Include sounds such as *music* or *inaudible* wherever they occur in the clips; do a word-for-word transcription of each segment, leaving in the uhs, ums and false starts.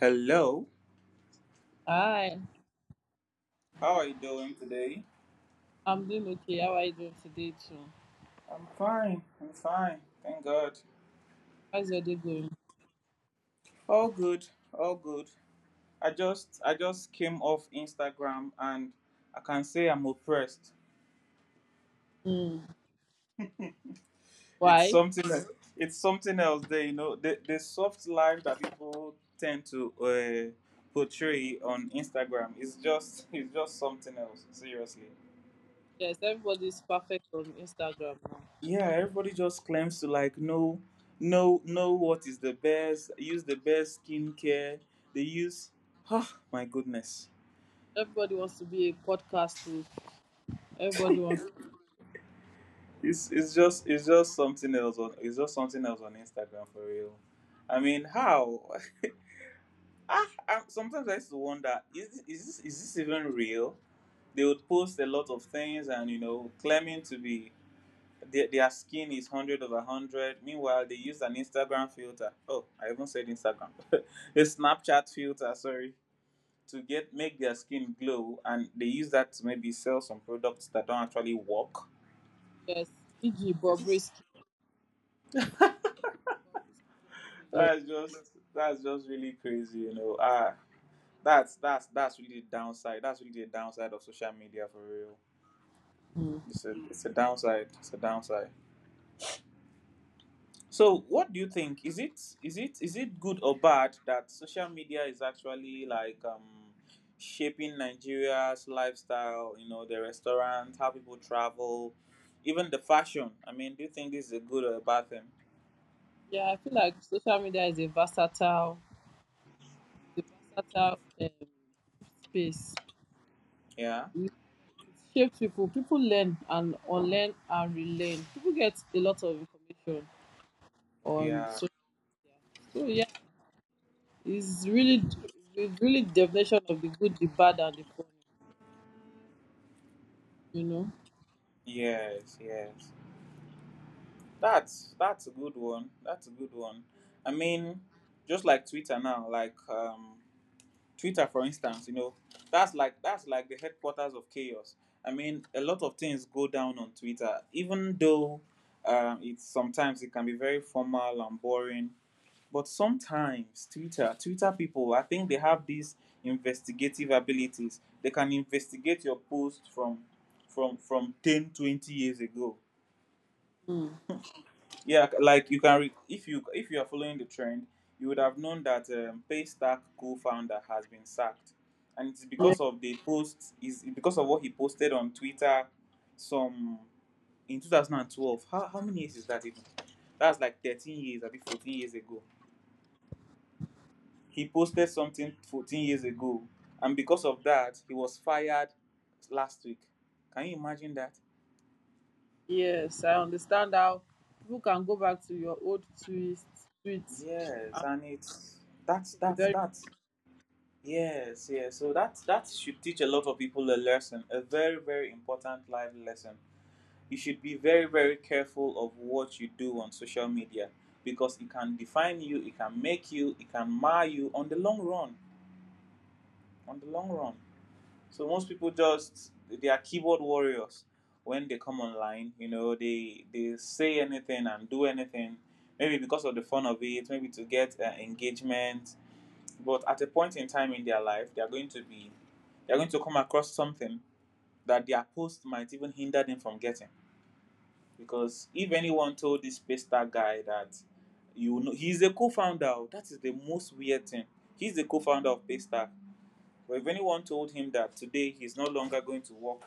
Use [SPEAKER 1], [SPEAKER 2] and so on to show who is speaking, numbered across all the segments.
[SPEAKER 1] Hello.
[SPEAKER 2] Hi,
[SPEAKER 1] How are you doing today?
[SPEAKER 2] I'm doing okay. How are you doing today too?
[SPEAKER 1] I'm fine. I'm fine. Thank God.
[SPEAKER 2] How's your day going?
[SPEAKER 1] All good. All good. I just I just came off Instagram, and I can say I'm oppressed.
[SPEAKER 2] Hmm.
[SPEAKER 1] It's
[SPEAKER 2] Why?
[SPEAKER 1] something that it's something else there, you know. The the soft life that people tend to uh, portray on Instagram is just *laughs* it's just something else, seriously.
[SPEAKER 2] Yes, everybody's perfect on Instagram now.
[SPEAKER 1] Yeah, everybody just claims to like know know know what is the best, use the best skincare they use. Oh my goodness,
[SPEAKER 2] Everybody wants to be a podcast too. Everybody wants to
[SPEAKER 1] it's it's just it's just something else on it's just something else on Instagram for real. I mean, how *laughs* ah I, sometimes I used to wonder, is is this is this even real? They would post a lot of things and you know claiming to be. Their, their skin is one hundred over one hundred. Meanwhile, they use an Instagram filter. Oh, I even said Instagram. *laughs* A Snapchat filter, sorry, to get make their skin glow. And they use that to maybe sell some products that don't actually work.
[SPEAKER 2] yes. e g.
[SPEAKER 1] It's,
[SPEAKER 2] Bobrisky. Bobrisky does it a lot.
[SPEAKER 1] that's just that's just really crazy, you know. Ah, that's that's that's really the downside. That's really the downside of social media for real.
[SPEAKER 2] Hmm.
[SPEAKER 1] It's a it's a downside. It's a downside. So, what do you think? Is it is it is it good or bad that social media is actually like um, shaping Nigeria's lifestyle? You know, the restaurants, how people travel, even the fashion. I mean, do you think this is a good or a bad thing?
[SPEAKER 2] Yeah, I feel like social media is a versatile, is a versatile um, space.
[SPEAKER 1] Yeah,
[SPEAKER 2] It it shapes people. People learn and unlearn and relearn. People get a lot of information on
[SPEAKER 1] yeah,
[SPEAKER 2] social media. So, yeah, it's really the really definition of the good, the bad, and the funny. You know.
[SPEAKER 1] yes, yes. That's that's a good one. That's a good one. I mean, just like Twitter now, like um, Twitter, for instance, you know, that's like that's like the headquarters of chaos. I mean, a lot of things go down on Twitter, even though um, it's sometimes it can be very formal and boring. But sometimes Twitter, Twitter people, I think they have these investigative abilities. They can investigate your post from from from ten, twenty years ago.
[SPEAKER 2] Hmm.
[SPEAKER 1] Yeah, like, you can re- if you if you are following the trend, you would have known that um, Paystack co-founder has been sacked, and it's
[SPEAKER 2] Yeah.
[SPEAKER 1] because of the post is because of what he posted on Twitter, some in twenty twelve. How how many years is that even? That's like thirteen years, I fourteen years ago. He posted something fourteen years ago, and because of that, he was fired last week. Can you imagine that?
[SPEAKER 2] Yes, I understand how people can go back to your old twist tweets. And
[SPEAKER 1] Yes, and it's
[SPEAKER 2] you have
[SPEAKER 1] that's
[SPEAKER 2] to be
[SPEAKER 1] that's
[SPEAKER 2] very
[SPEAKER 1] that's yes, yes. So that that should teach a lot of people a lesson, a very, very important life lesson. You should be very, very careful of what you do on social media, because it can define you, it can make you, it can mar you on the long run. On the long run. So, most people, just, they are keyboard warriors. When they come online, you know, they they say anything and do anything, maybe because of the fun of it, maybe to get uh, engagement. But at a point in time in their life, they are going to be they're going to come across something that their post might even hinder them from getting, because if anyone told this Pesta guy that you know he's a co-founder, that is the most weird thing. He's the co-founder of Paystack, but if anyone told him that today he's no longer going to work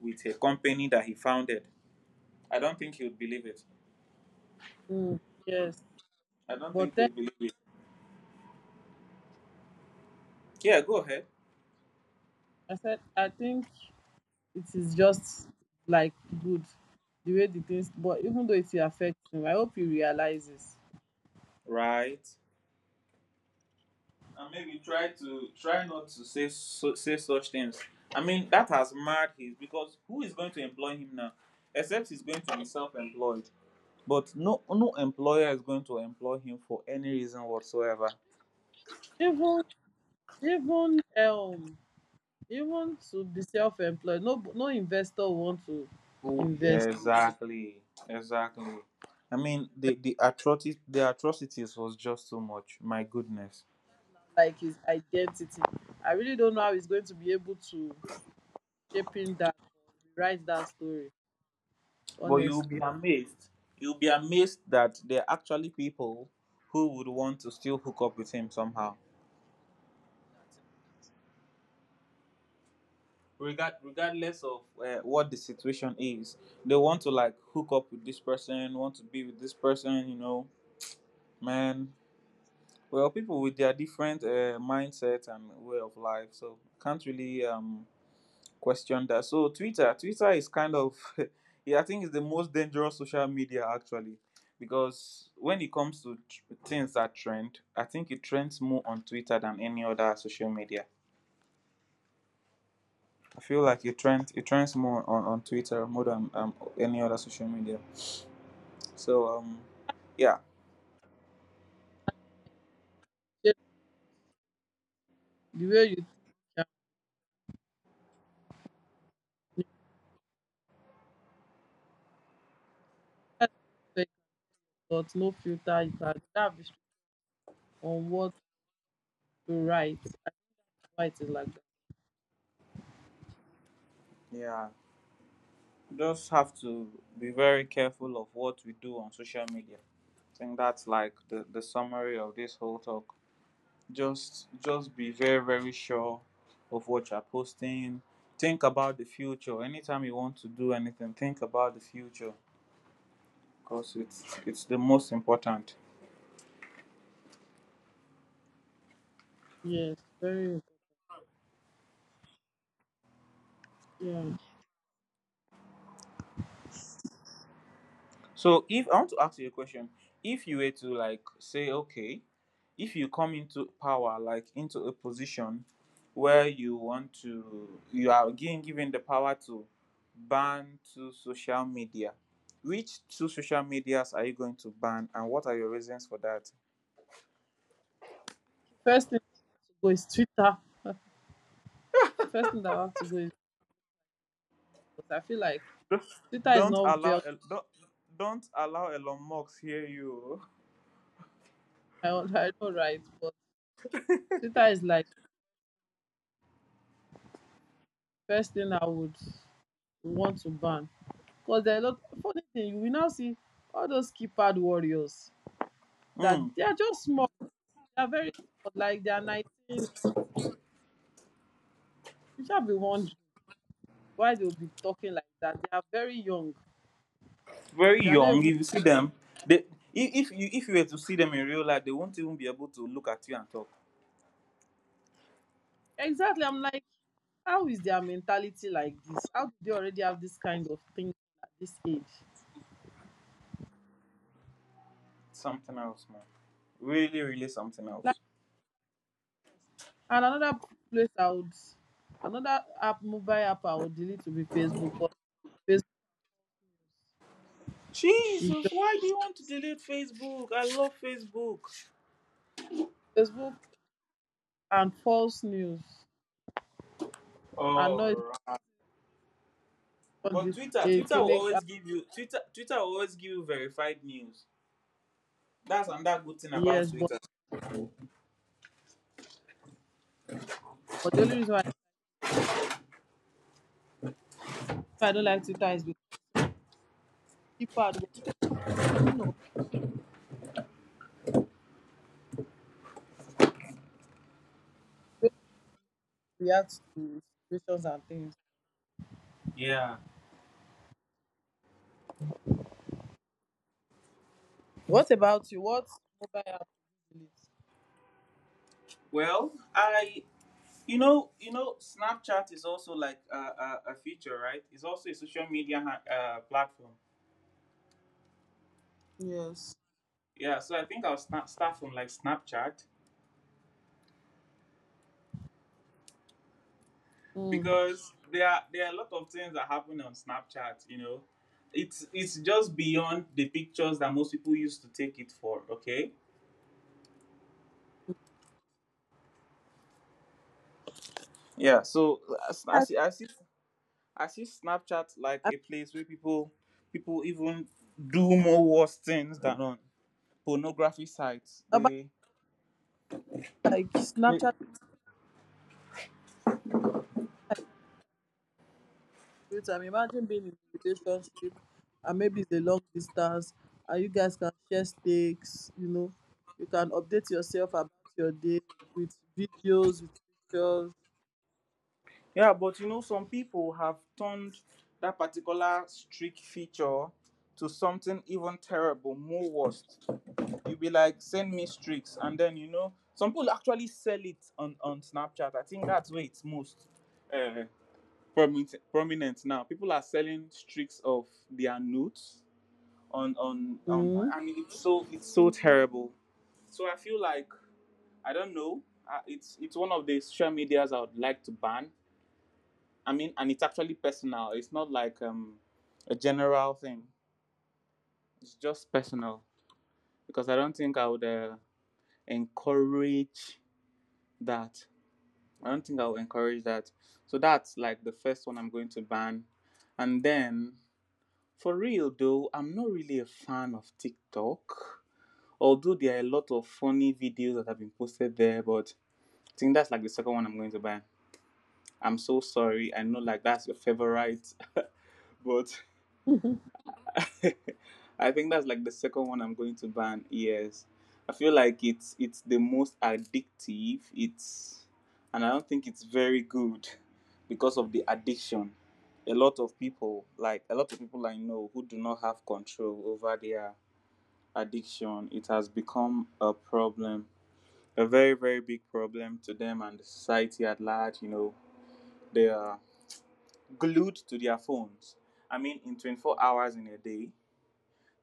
[SPEAKER 1] with a company that he founded, I don't think he would believe it.
[SPEAKER 2] careful. Hmm. Yes,
[SPEAKER 1] I don't think
[SPEAKER 2] but
[SPEAKER 1] he
[SPEAKER 2] then
[SPEAKER 1] would believe it. Yeah, go ahead.
[SPEAKER 2] I said I think it is just like good the way the things. But even though it affects him, I hope he realizes.
[SPEAKER 1] Right, and maybe try to try not to say so, say such things. I mean, that has marred his, because who is going to employ him now? Except he's going to be self-employed. But no, no employer is going to employ him for any reason whatsoever.
[SPEAKER 2] Even even um even to be self-employed, no no investor want to
[SPEAKER 1] Oh,
[SPEAKER 2] invest.
[SPEAKER 1] exactly, exactly. I mean, the the atrocities, the atrocities was just too much. My goodness.
[SPEAKER 2] Like his identity. I really don't know how he's going to be able to shape in that or rewrite that story,
[SPEAKER 1] But you'll be
[SPEAKER 2] honestly.
[SPEAKER 1] amazed. You'll be amazed that there are actually people who would want to still hook up with him somehow, regard regardless of uh, what the situation is. They want to, like, hook up with this person, want to be with this person, you know man. Well, people with their different uh, mindset and way of life, so, can't really um question that. So twitter twitter is kind of *laughs* yeah, I think it's the most dangerous social media, actually, because when it comes to tr- things that trend, I think it trends more on Twitter than any other social media. I feel like it trends it trends more on, on Twitter, more than um, any other social media. So um yeah.
[SPEAKER 2] Just the way you think, um, you can take thought, no filter, you can have restriction on what to write, why it is like that.
[SPEAKER 1] Yeah, just have to be very careful of what we do on social media. I think that's like the, the summary of this whole talk. Just just be very, very sure of what you're posting. Think about the future. Anytime you want to do anything, think about the future, because it's it's the most important.
[SPEAKER 2] Yes, very, yeah.
[SPEAKER 1] So, if I want to ask you a question, if you were to like say, okay, if you come into power, like, into a position where you want to, you are, again, given the power to ban two social media. Which two social medias are you going to ban, and what are your reasons for that?
[SPEAKER 2] First thing I have to go is Twitter. *laughs* The first thing that I have to go is because I feel like Twitter
[SPEAKER 1] *laughs*
[SPEAKER 2] is
[SPEAKER 1] don't
[SPEAKER 2] not
[SPEAKER 1] allow
[SPEAKER 2] built,
[SPEAKER 1] El- don't, don't allow Elon Musk hear you.
[SPEAKER 2] *laughs* I don't I don't write, but Twitter is like first thing I would want to ban. Because there are a lot funny thing, we now see all those keypad warriors that
[SPEAKER 1] Mm.
[SPEAKER 2] they are just small, they are very small, like they are nineteen. You shall be wondering why they'll be talking like that. They are very young.
[SPEAKER 1] Very
[SPEAKER 2] They are not
[SPEAKER 1] young.
[SPEAKER 2] even
[SPEAKER 1] If you see
[SPEAKER 2] like
[SPEAKER 1] them, they, if if you if you were to see them in real life, they won't even be able to look at you and talk.
[SPEAKER 2] exactly. I'm like, how is their mentality like this? How do they already have this kind of thing at this age?
[SPEAKER 1] Something else, man. Really, really something
[SPEAKER 2] Like
[SPEAKER 1] else.
[SPEAKER 2] and another place I would another app mobile app I would delete to be Facebook because Facebook
[SPEAKER 1] Jesus,
[SPEAKER 2] is
[SPEAKER 1] why do you want to delete Facebook? I love Facebook.
[SPEAKER 2] just Facebook and false news and noise
[SPEAKER 1] Alright.
[SPEAKER 2] on
[SPEAKER 1] But
[SPEAKER 2] the
[SPEAKER 1] Twitter,
[SPEAKER 2] a
[SPEAKER 1] Twitter will
[SPEAKER 2] clinic. uh,
[SPEAKER 1] always give you Twitter Twitter will always give you verified news. That's another good thing about
[SPEAKER 2] Yes, but,
[SPEAKER 1] Twitter.
[SPEAKER 2] but the only reason why I don't like Twitter is because people are the ones, you know they react to situations and things.
[SPEAKER 1] Yeah.
[SPEAKER 2] What about you? What mobile app do you
[SPEAKER 1] Well, I you know you know Snapchat is also like a, a, a feature, right? It's also a social media ha- uh, platform.
[SPEAKER 2] delete? Yes.
[SPEAKER 1] Yeah. So, I think I'll sna- start from, like, Snapchat,
[SPEAKER 2] Mm.
[SPEAKER 1] because there are there are a lot of things that happen on Snapchat. You know, it's it's just beyond the pictures that most people used to take it for. Okay. Yeah. So, I s- I
[SPEAKER 2] Yeah,
[SPEAKER 1] see I see I see Snapchat like
[SPEAKER 2] I-
[SPEAKER 1] a place where people people even do more worse things than on pornography sites.
[SPEAKER 2] about
[SPEAKER 1] They,
[SPEAKER 2] like
[SPEAKER 1] they
[SPEAKER 2] Snapchat, like Snapchat, I'm imagine being in a relationship and maybe it's a long distance and you guys can share stakes, you know. You can update yourself about your day with videos, with pictures.
[SPEAKER 1] yeah, but you know some people have turned that particular streak feature to something even terrible, more worse. You'll be like, send me streaks, and then, you know, some people actually sell it on, on Snapchat. I think that's where it's most uh, prominent prominent now. People are selling streaks of their nudes on on on.
[SPEAKER 2] Mm.
[SPEAKER 1] I mean, it's so it's so terrible. So I feel like, I don't know. Uh, it's it's one of the social medias I would like to ban. I mean, and it's actually personal. It's not like um a general thing. It's just personal, because I don't think I would uh, encourage that. I don't think I'll encourage that. So that's like the first one I'm going to ban. And then, for real though, I'm not really a fan of TikTok. Although there are a lot of funny videos that have been posted there, but I think that's like the second one I'm going to ban. I'm so sorry. I know like that's your favorite, *laughs* but *laughs* I think that's like the second one I'm going to ban. Yes, I feel like it's it's the most addictive. It's and I don't think it's very good because of the addiction. A lot of people, like a lot of people I know, who do not have control over their addiction, it has become a problem, a very, very big problem to them and the society at large. You know, they are glued to their phones. I mean, in twenty-four hours in a day,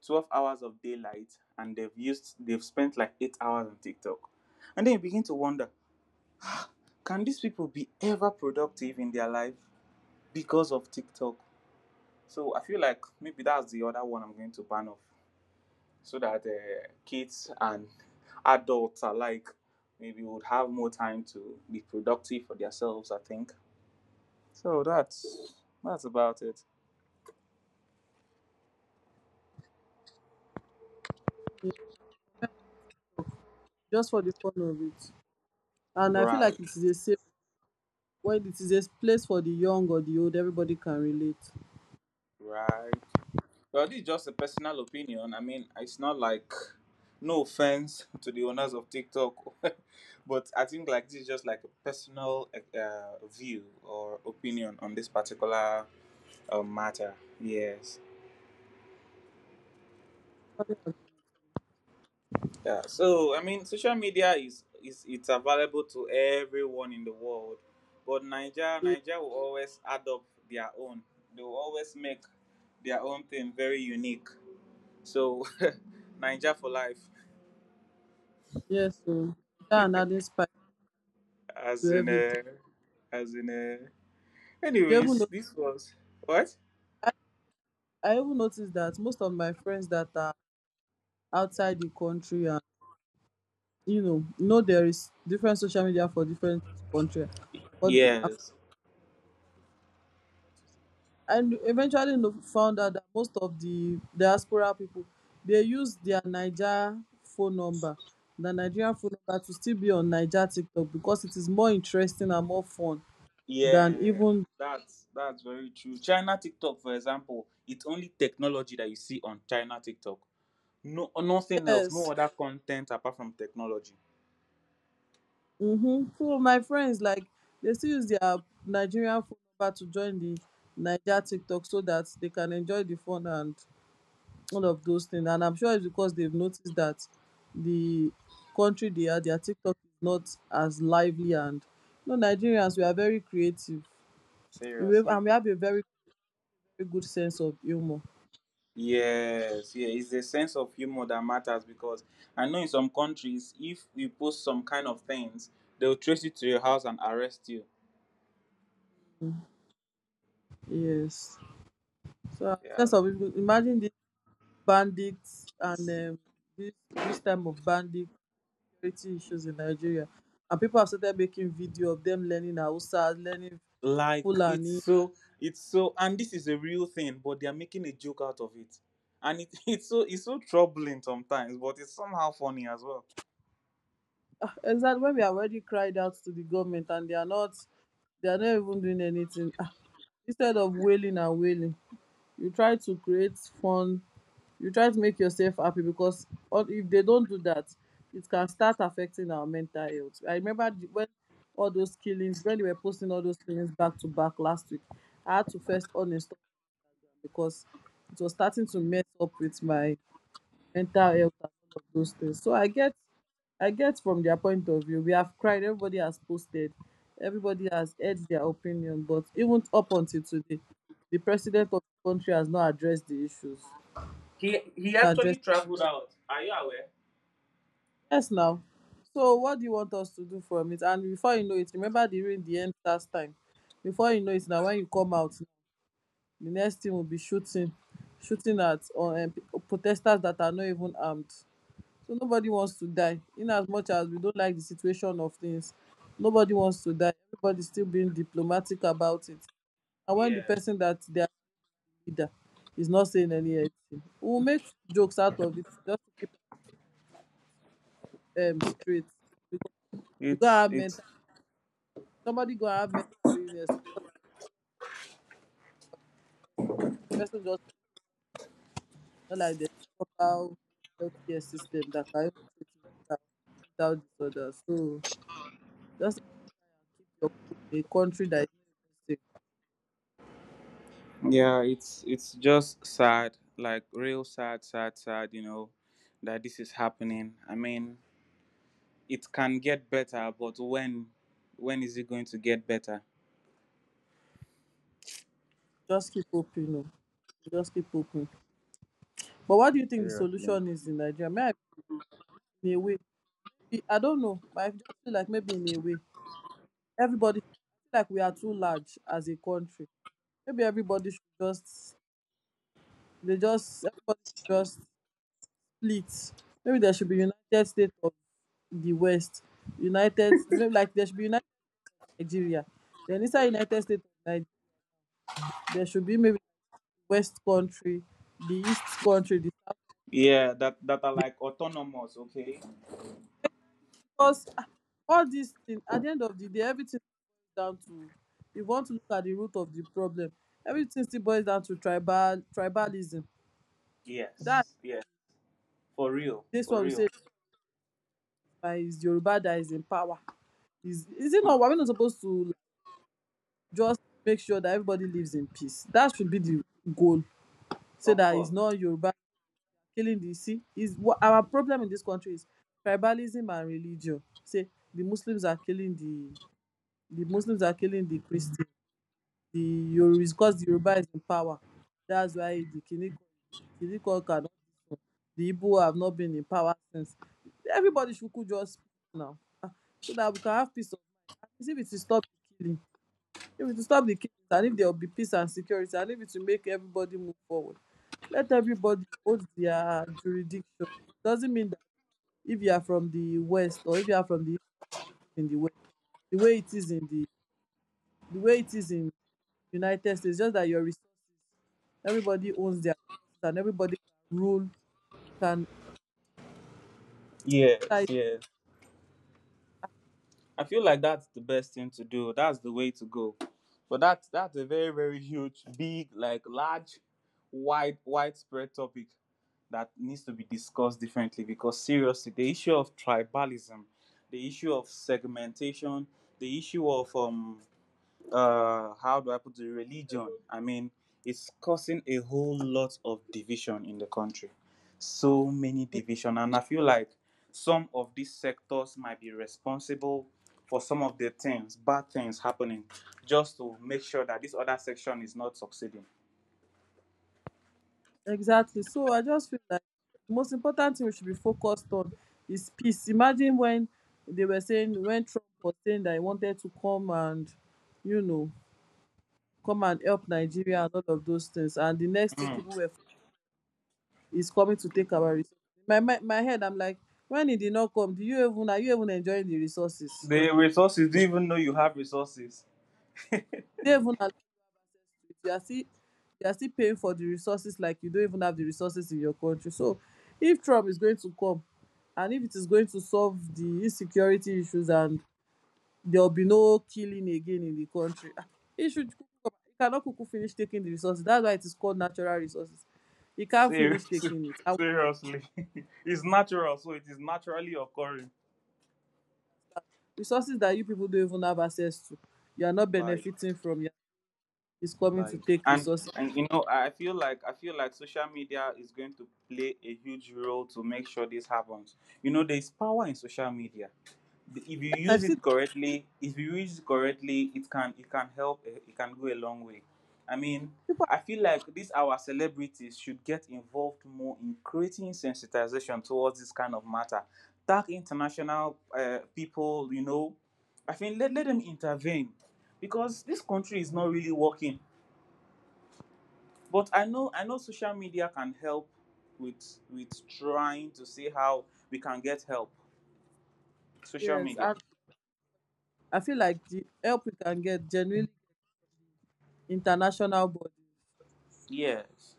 [SPEAKER 1] twelve hours of daylight, and they've used they've spent like eight hours on TikTok. And then you begin to wonder, can these people be ever productive in their life, because of TikTok? So I feel like maybe that's the other one I'm going to ban off, so that uh, kids and adults alike maybe would have more time to be productive for themselves, I think. So that's that's about it.
[SPEAKER 2] Yeah. Just for the fun of it. And I feel
[SPEAKER 1] Right,
[SPEAKER 2] like it is a safe when it is a place for the young or the old, everybody can relate.
[SPEAKER 1] right. Well, this is just a personal opinion. I mean, it's not like, no offense, *laughs* to the owners of TikTok, *laughs* but I think, like, this is just like a personal uh, view or opinion on this particular uh, matter. Yes. Yeah. So, I mean, social media is is it's available to everyone in the world, but Niger
[SPEAKER 2] Ye-
[SPEAKER 1] Niger will always add up their own. They will always make their own thing very unique. So, *laughs* Niger for life.
[SPEAKER 2] yes, so that and adding spice
[SPEAKER 1] As
[SPEAKER 2] to
[SPEAKER 1] in
[SPEAKER 2] everything.
[SPEAKER 1] a, as in a.
[SPEAKER 2] You even
[SPEAKER 1] Anyways,
[SPEAKER 2] notice
[SPEAKER 1] this was what
[SPEAKER 2] I, I even noticed that most of my friends that are outside the country and you know, you know there is different social media for different country according, according
[SPEAKER 1] yes,
[SPEAKER 2] and eventually no- found out that most of the diaspora people they use their Niger phone number, the Nigerian phone number to still be on Niger TikTok because it is more interesting and more fun than
[SPEAKER 1] yes.
[SPEAKER 2] even
[SPEAKER 1] That's that's very true. China TikTok, for example, it's only technology that you see on China TikTok. No, nothing else, no
[SPEAKER 2] yes.
[SPEAKER 1] other content apart from technology.
[SPEAKER 2] Mm-hmm. Two of my friends like they still use their Nigerian phone number to join the Niger TikTok so that they can enjoy the fun and all of those things, and I'm sure it's because they've noticed that the country they are their TikTok is not as lively, and you know Nigerians, we are very creative. We have- and
[SPEAKER 1] Seriously.
[SPEAKER 2] we have a very very good sense of humor.
[SPEAKER 1] Yes, yeah. It's a sense of humor that matters, because I know in some countries if you post some kind of things, they'll trace you to your house and arrest you.
[SPEAKER 2] Yes, so our
[SPEAKER 1] Yeah,
[SPEAKER 2] sense of humor- imagine these bandits and um, this this time of bandit security issues in Nigeria, and people have started making video of them learning Hausa learning
[SPEAKER 1] like,
[SPEAKER 2] Fulani.
[SPEAKER 1] it's so it's so and this is a real thing, but they are making a joke out of it. And it, *laughs* it's so it's so troubling sometimes, but it's somehow funny as well.
[SPEAKER 2] Ah, exactly, when we are already cried out to the government and they are not, they are not even doing anything. Ah, instead of wailing and wailing you try to create fun, you try to make yourself happy because all- if they don't do that it can start affecting our mental health. I remember the- when all those killings, when they were posting all those killings back to back last week, I had to first uninstall them because it was starting to mess up with my mental health and all of those things. So I get, I get from their point of view. We have cried, everybody has posted, everybody has had their opinion, but even up until today, the president of the country has not addressed the issues.
[SPEAKER 1] He he
[SPEAKER 2] Not
[SPEAKER 1] actually
[SPEAKER 2] addressed
[SPEAKER 1] traveled out. Are you aware?
[SPEAKER 2] yes now. So what do you want us to do from it? And before you know it, remember during the end last time. Before you know it now, when you come out, the next thing will be shooting, shooting at uh, um, protesters that are not even armed. So nobody wants to die. In as much as we don't like the situation of things, nobody wants to die. Everybody's still being diplomatic about it. And when the
[SPEAKER 1] Yeah.
[SPEAKER 2] person that their leader is not saying anything, we'll make jokes out of it just to keep um straight. Because you gotta
[SPEAKER 1] it's
[SPEAKER 2] have
[SPEAKER 1] it's
[SPEAKER 2] mental, somebody gonna have mental illness because the person just not like the proper healthcare system that can even treat mental mental disorders. So just keep your food in a country that is not even safe.
[SPEAKER 1] yeah, it's it's just sad, like real sad, sad, sad you know that this is happening. I mean, it can get better, but when when is it going to get better?
[SPEAKER 2] Just keep hoping. Oh. Just keep hoping. But what do you think the
[SPEAKER 1] Seriously.
[SPEAKER 2] solution is in Nigeria? May I, in a way, be- I don't know, but I just feel like maybe in a way, everybody feel like we are too large as a country. Maybe everybody should just, they just, everybody should just split. Maybe there should be United States of the West, United, maybe like there should be United Nigeria. Then inside United States of Nigeria, there should be maybe West country, the East country, the
[SPEAKER 1] Yeah, that that are like autonomous. Okay.
[SPEAKER 2] because ah, all these things, at the end of the day, everything boils down to you want to look at the root of the problem. Everything still boils down to tribal tribalism. That
[SPEAKER 1] Yes, yes, for real,
[SPEAKER 2] this
[SPEAKER 1] for
[SPEAKER 2] one we
[SPEAKER 1] real.
[SPEAKER 2] say na is Yoruba that is in power. Is is it not? We're not supposed to like, just make sure that everybody lives in peace. That should be the goal. So
[SPEAKER 1] Of
[SPEAKER 2] that it's
[SPEAKER 1] course.
[SPEAKER 2] not Yoruba killing the sea. Is what our problem in this country is tribalism and religion. Say the Muslims are killing the the Muslims are killing the Christians. The Yoru is because the Yoruba is in power. That's why the Kiniko Kiniko cannot the Igbo have not been in power since. Everybody should could just speak now. Ah, so that we can have peace of mind. If it is stop the killing, if it is stop the killing and if there will be peace and security and if it will make everybody move forward. Let everybody hold their jurisdiction. Doesn't mean that if you are from the west or if you are from the in the west, the way it is in the the way it is in United States. Just that your resources, everybody owns their resources and everybody can rule, can
[SPEAKER 1] Yes,
[SPEAKER 2] decide.
[SPEAKER 1] yes. I feel like that's the best thing to do. That's the way to go. But that's that's a very, very huge, big, like large, wide widespread topic that needs to be discussed differently, because, seriously, the issue of tribalism, the issue of segmentation, the issue of, um uh how do I put, the religion, I mean, it's causing a whole lot of division in the country. So many division. And I feel like some of these sectors might be responsible for some of the things bad things happening, just to make sure that this other section is not succeeding.
[SPEAKER 2] Exactly. So I just feel like the most important thing we should be focused on is peace. Imagine when they were saying, when Trump was saying that he wanted to come and, you know, come and help Nigeria and all of those things. And the next thing people were, is coming to take our resources. My, my, my head, I'm like, when he did not come, do you even, are you even enjoying the resources?
[SPEAKER 1] The resources, do you even know you have resources?
[SPEAKER 2] Did they even you are still, you are still paying for the resources like you don't even have the resources in your country. So if Trump is going to come and if it is going to solve the insecurity issues and there will be no killing again in the country, ah, he should kuku come. He cannot kuku finish taking the resources. That's why it is called natural resources. He can't finish
[SPEAKER 1] Seriously.
[SPEAKER 2] taking it.
[SPEAKER 1] *laughs*
[SPEAKER 2] And
[SPEAKER 1] Seriously. *laughs* It's natural, so it is naturally occurring.
[SPEAKER 2] resources that you people don't even have access to, you are not
[SPEAKER 1] Like,
[SPEAKER 2] benefiting from it. He's coming to
[SPEAKER 1] like
[SPEAKER 2] take
[SPEAKER 1] and,
[SPEAKER 2] resources.
[SPEAKER 1] and you know, I feel like, i feel like social media is going to play a huge role to make sure this happens. You know, there's power in social media. The- if you
[SPEAKER 2] Yes, I've
[SPEAKER 1] use it
[SPEAKER 2] seen
[SPEAKER 1] correctly, if you use it correctly, it can, it can help. eh, it can go a long way. I mean,
[SPEAKER 2] people.
[SPEAKER 1] I feel like these our celebrities should get involved more in creating sensitization towards this kind of matter, tag international uh, people, you know I think, let, let them intervene, because this country is not really working. But i know I know social media can help with, with trying to see how we can get help. Social
[SPEAKER 2] Yes,
[SPEAKER 1] media.
[SPEAKER 2] and I feel like the help we can get genuinely international body.
[SPEAKER 1] Yes.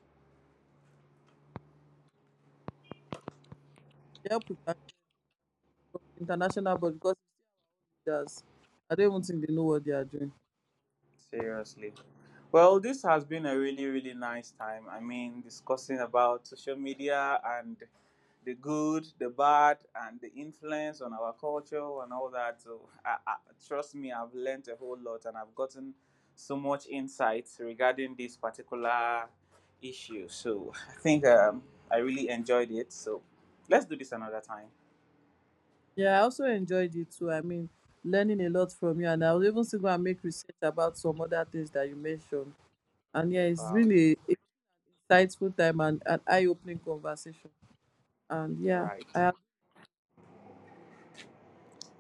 [SPEAKER 2] Yep, we can be from international body because leaders, I don't even think they know what they are doing.
[SPEAKER 1] Seriously. Well, this has been a really, really nice time. I mean, discussing about social media and the good, the bad, and the influence on our culture and all that. So, I, I, trust me, I've learned a whole lot, and I've gotten so much insights regarding this particular issue. So, I think, um, I really enjoyed it. So, let's do this another time.
[SPEAKER 2] Yeah, I also enjoyed it too. I mean, learning a lot from you, and I was even still go and make research about some other things that you mentioned. And yeah, it's
[SPEAKER 1] Wow.
[SPEAKER 2] been a, a insightful time and an eye-opening conversation. And
[SPEAKER 1] All
[SPEAKER 2] yeah,
[SPEAKER 1] right.
[SPEAKER 2] I have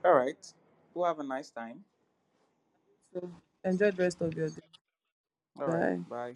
[SPEAKER 1] All right. Well, have a nice time.
[SPEAKER 2] enjoyed the rest of your day.
[SPEAKER 1] All right.
[SPEAKER 2] Bye.
[SPEAKER 1] Bye.